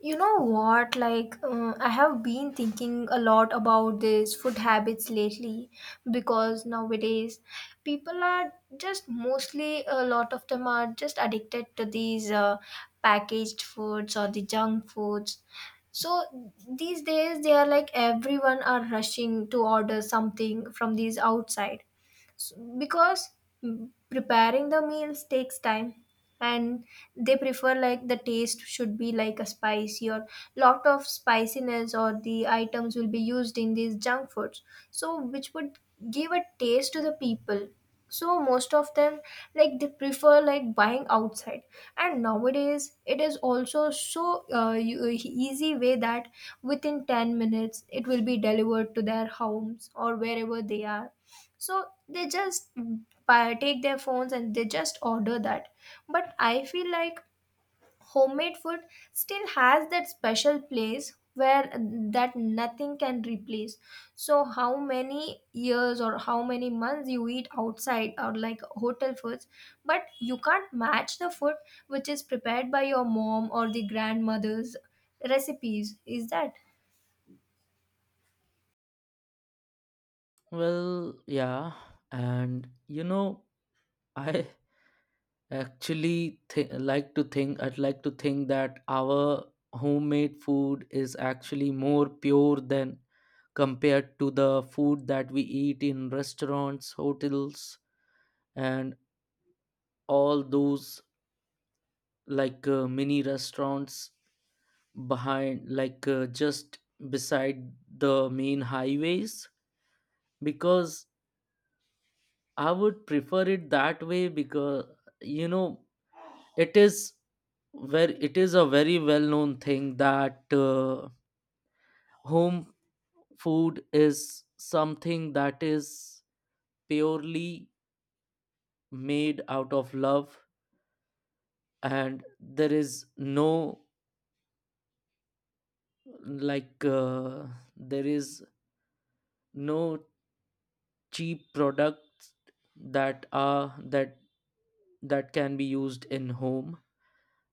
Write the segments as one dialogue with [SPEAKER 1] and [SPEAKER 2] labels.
[SPEAKER 1] I have been thinking a lot about these food habits lately because nowadays people are just mostly a lot of them are just addicted to these packaged foods or the junk foods. So these days they are like everyone are rushing to order something from these outside S because preparing the meals takes time and they prefer like the taste should be like a spicy or lot of spiciness or the items will be used in these junk foods so which would give a taste to the people so most of them like they prefer like buying outside, and nowadays it is also so easy way that within 10 minutes it will be delivered to their homes or wherever they are, so they just buy, take their phones and they just order that. But I feel like homemade food still has that special place where that nothing can replace. So how many years or how many months you eat outside or like hotel foods, but you can't match the food which is prepared by your mom or the grandmother's recipes, is that?
[SPEAKER 2] Well, yeah, and you know, I like to think that our homemade food is actually more pure than compared to the food that we eat in restaurants, hotels, and all those mini restaurants behind just beside the main highways because I would prefer it that way because you know it is very it is a very well known thing that home food is something that is purely made out of love, and there is no like uh, there is no cheap products that are that that can be used in home.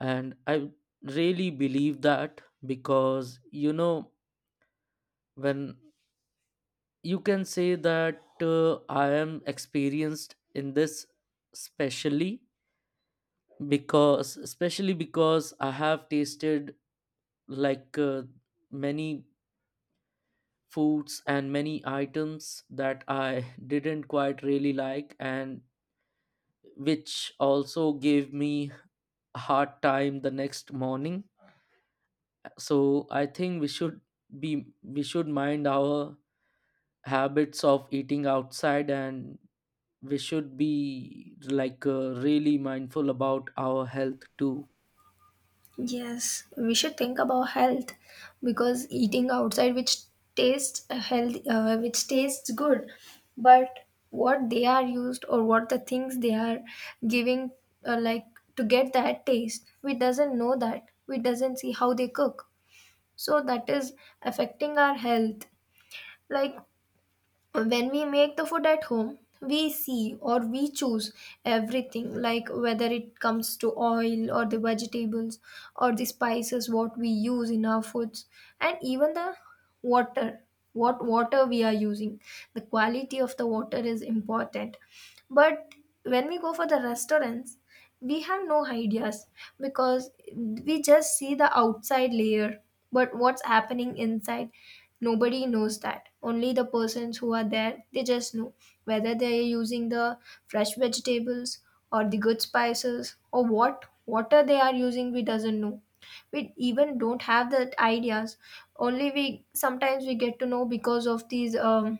[SPEAKER 2] And I really believe that because you know when you can say that I am experienced in this. Specially because Especially because I have tasted like uh, many foods and many items that I didn't quite really like, and which also gave me a hard time the next morning. So I think we should mind our habits of eating outside, and we should be really mindful about our health too.
[SPEAKER 1] Yes, we should think about health because eating outside which tastes healthy, which tastes good, but what they are used or what the things they are giving, like to get that taste, we doesn't know that. We doesn't see how they cook, so that is affecting our health. Like when we make the food at home we see or we choose everything like whether it comes to oil or the vegetables or the spices what we use in our foods, and even the water, what water we are using, the quality of the water is important. But when we go for the restaurants we have no ideas because we just see the outside layer, but what's happening inside nobody knows that, only the persons who are there they just know whether they are using the fresh vegetables or the good spices or what water they are using, we doesn't know, we even don't have that ideas. Only we sometimes we get to know because of these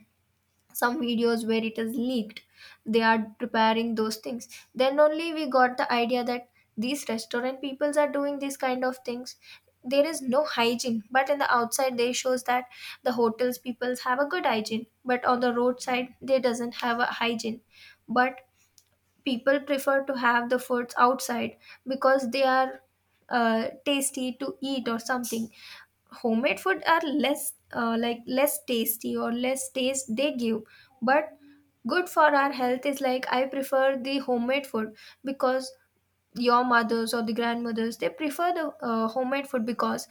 [SPEAKER 1] some videos where it is leaked they are preparing those things, then only we got the idea that these restaurant peoples are doing these kind of things. There is no hygiene, but in the outside they shows that the hotels peoples have a good hygiene, but on the roadside they doesn't have a hygiene. But people prefer to have the foods outside because they are tasty to eat or something. Homemade food are less like less tasty or less taste they give, but good for our health, is like I prefer the homemade food because your mothers or the grandmothers they prefer the homemade food because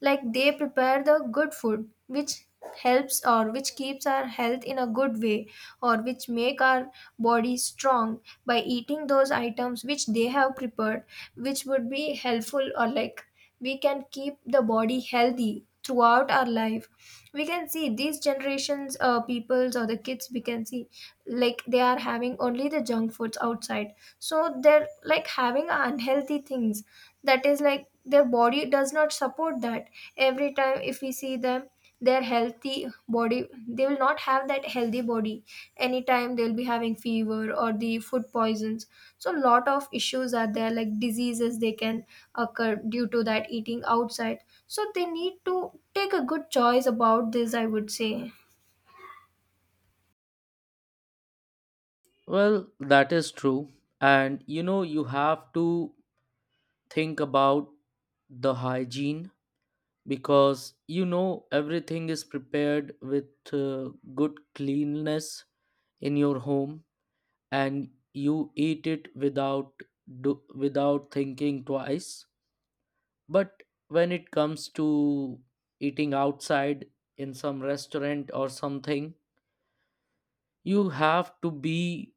[SPEAKER 1] like they prepare the good food which helps or which keeps our health in a good way or which make our body strong by eating those items which they have prepared, which would be helpful or like we can keep the body healthy throughout our life. We can see these generations peoples or the kids, we can see like they are having only the junk foods outside, so they're like having unhealthy things, that is like their body does not support that. Every time if we see them, their healthy body, they will not have that healthy body, anytime they'll be having fever or the food poisons. So a lot of issues are there like diseases they can occur due to that eating outside, so they need to take a good choice about this, I would say.
[SPEAKER 2] Well, that is true, and you know, you have to think about the hygiene, because you know everything is prepared with uh, good cleanliness in your home, and you eat it without without thinking twice. But when it comes to eating outside, in some restaurant or something, you have to be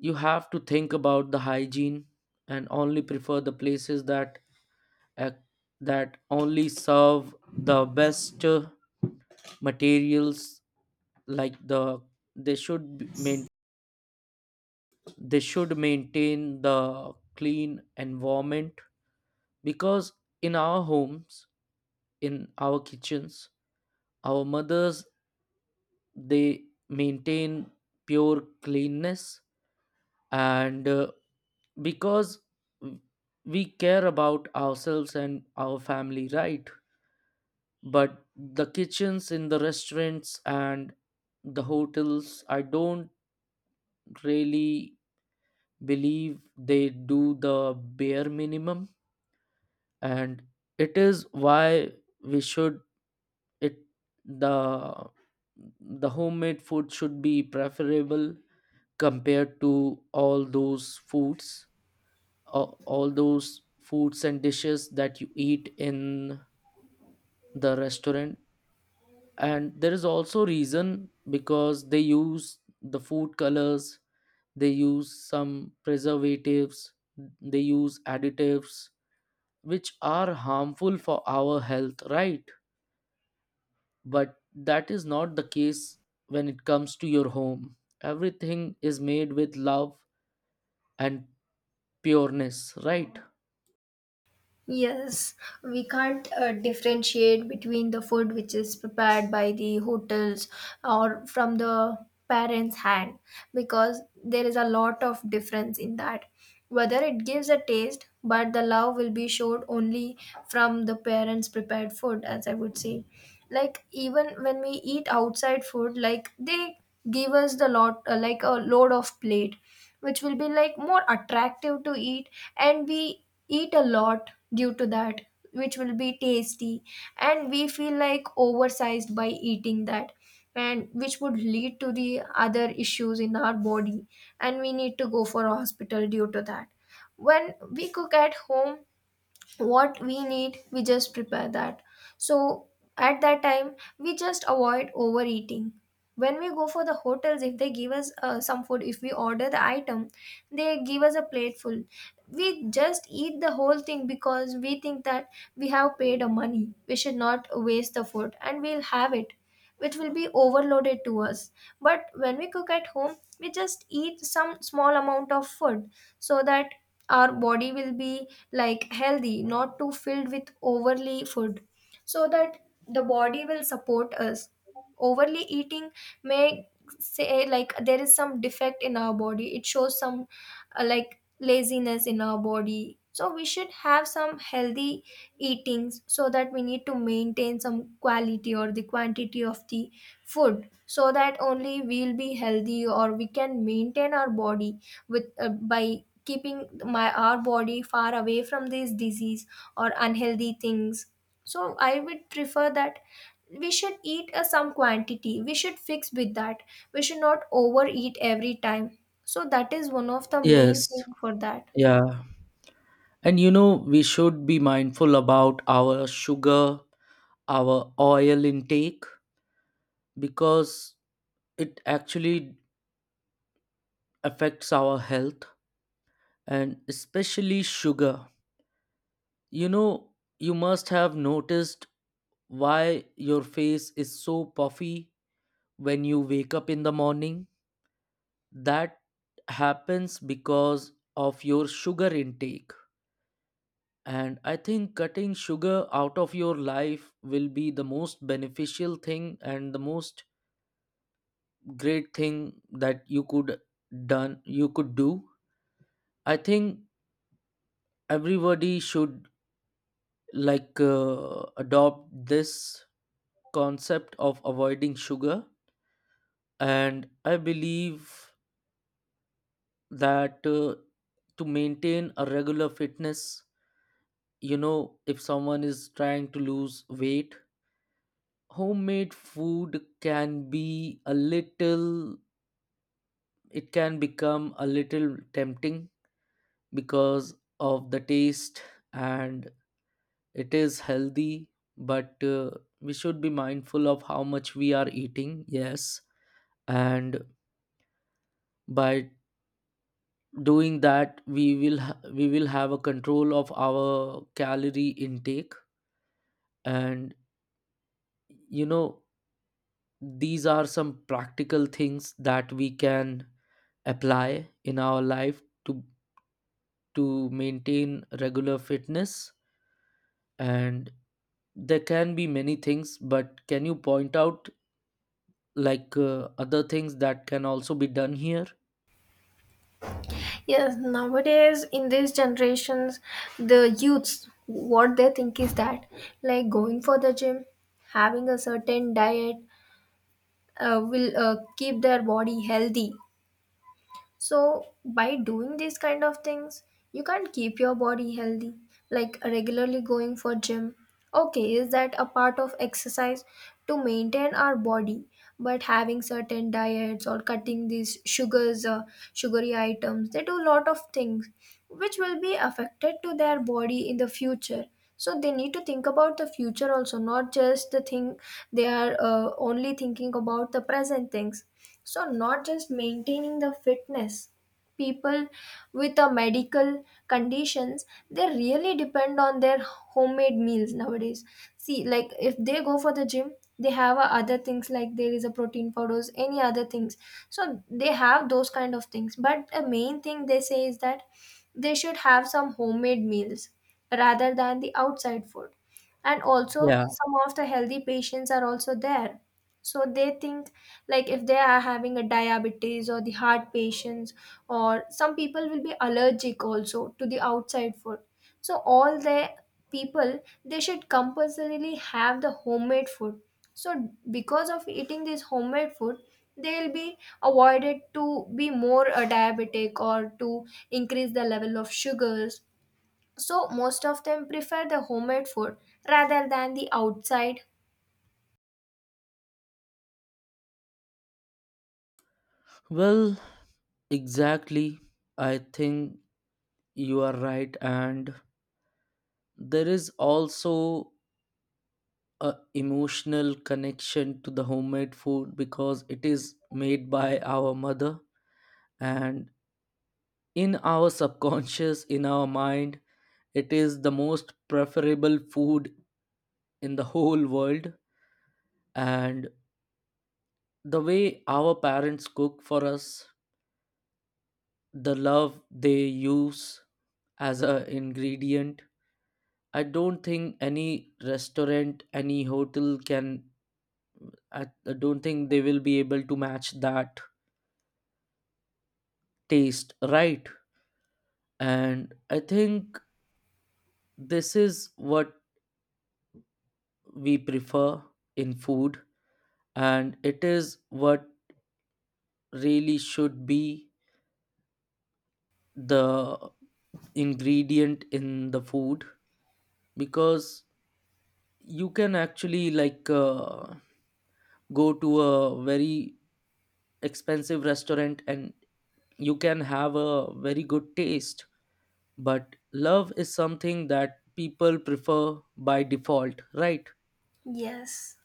[SPEAKER 2] you have to think about the hygiene and only prefer the places that ac- that only serve the best materials. Like, the they they should maintain the clean environment, because in our homes, in our kitchens, our mothers, they maintain pure cleanness. And because we care about ourselves and our family, right? But the kitchens in the restaurants and the hotels, I don't really believe they do the bare minimum. And it is why we should, it the the homemade food should be preferable compared to all those foods, all those foods and dishes that you eat in the restaurant. And there is also reason, because they use the food colors, they use some preservatives, they use additives, which are harmful for our health, right? But that is not the case when it comes to your home. Everything is made with love and pureness, right?
[SPEAKER 1] Yes, we can't differentiate between the food which is prepared by the hotels or from the parents' hand, because there is a lot of difference in that. Whether it gives a taste, but the love will be showed only from the parents' prepared food, as I would say. Like, even when we eat outside food, like they give us the lot, like a load of plate which will be like more attractive to eat, and we eat a lot due to that, which will be tasty, and we feel like oversized by eating that, and which would lead to the other issues in our body, and we need to go for hospital due to that. When we cook at home, what we need we just prepare that, so at that time we just avoid overeating. When we go for the hotels, if they give us some food, if we order the item they give us a plateful, we just eat the whole thing because we think that we have paid a money, we should not waste the food and we'll have it, which will be overloaded to us. But when we cook at home we just eat some small amount of food, so that our body will be like healthy, not too filled with overly food, so that the body will support us. Overly eating may say like there is some defect in our body, it shows some like laziness in our body. So we should have some healthy eatings, so that we need to maintain some quality or the quantity of the food, so that only we'll be healthy or we can maintain our body with by keeping my our body far away from these disease or unhealthy things. So I would prefer that we should eat a some quantity, we should fix with that, we should not overeat every time, so that is one of the main thing
[SPEAKER 2] Yes.
[SPEAKER 1] for that.
[SPEAKER 2] Yeah. And you know, we should be mindful about our sugar, our oil intake, because it actually affects our health, and especially sugar. You know, you must have noticed why your face is so puffy when you wake up in the morning. That happens because of your sugar intake. And I think cutting sugar out of your life will be the most beneficial thing and the most great thing that you could done you could do. I think everybody should adopt this concept of avoiding sugar. And I believe that to maintain a regular fitness, you know, if someone is trying to lose weight, homemade food can be a little it can become a little tempting because of the taste, and it is healthy. But we should be mindful of how much we are eating, yes. And by doing that, we will we will have a control of our calorie intake. And you know, these are some practical things that we can apply in our life to maintain regular fitness. And there can be many things, but can you point out other things that can also be done here?
[SPEAKER 1] Yes, nowadays in these generations, the youths, what they think is that like going for the gym, having a certain diet will keep their body healthy. So, by doing these kind of things, you can't keep your body healthy, like regularly going for gym. Okay, is that a part of exercise to maintain our body? But having certain diets or cutting these sugars, sugary items, they do a lot of things which will be affected to their body in the future. So they need to think about the future also, not just the thing they are only thinking about the present things. So, not just maintaining the fitness, people with a medical conditions they really depend on their homemade meals nowadays. See, like if they go for the gym, they have other things like there is a protein powders any other things, so they have those kind of things, but the main thing they say is that they should have some homemade meals rather than the outside food. And also
[SPEAKER 2] Yeah.
[SPEAKER 1] some of the healthy patients are also there, so they think like if they are having a diabetes or the heart patients or some people will be allergic also to the outside food, so all the people they should compulsorily have the homemade food. So because of eating this homemade food they'll be avoided to be more a diabetic or to increase the level of sugars, so most of them prefer the homemade food rather than the outside.
[SPEAKER 2] Well, exactly. I think you are right, and there is also a emotional connection to the homemade food, because it is made by our mother. And in our subconscious, in our mind, it is the most preferable food in the whole world. And the way our parents cook for us, the love they use as a ingredient, I don't think any restaurant, any hotel can, i I don't think they will be able to match that taste, right? And I think this is what we prefer in food, and it is what really should be the ingredient in the food. Because you can actually go to a very expensive restaurant and you can have a very good taste, but love is something that people prefer by default, right?
[SPEAKER 1] Yes.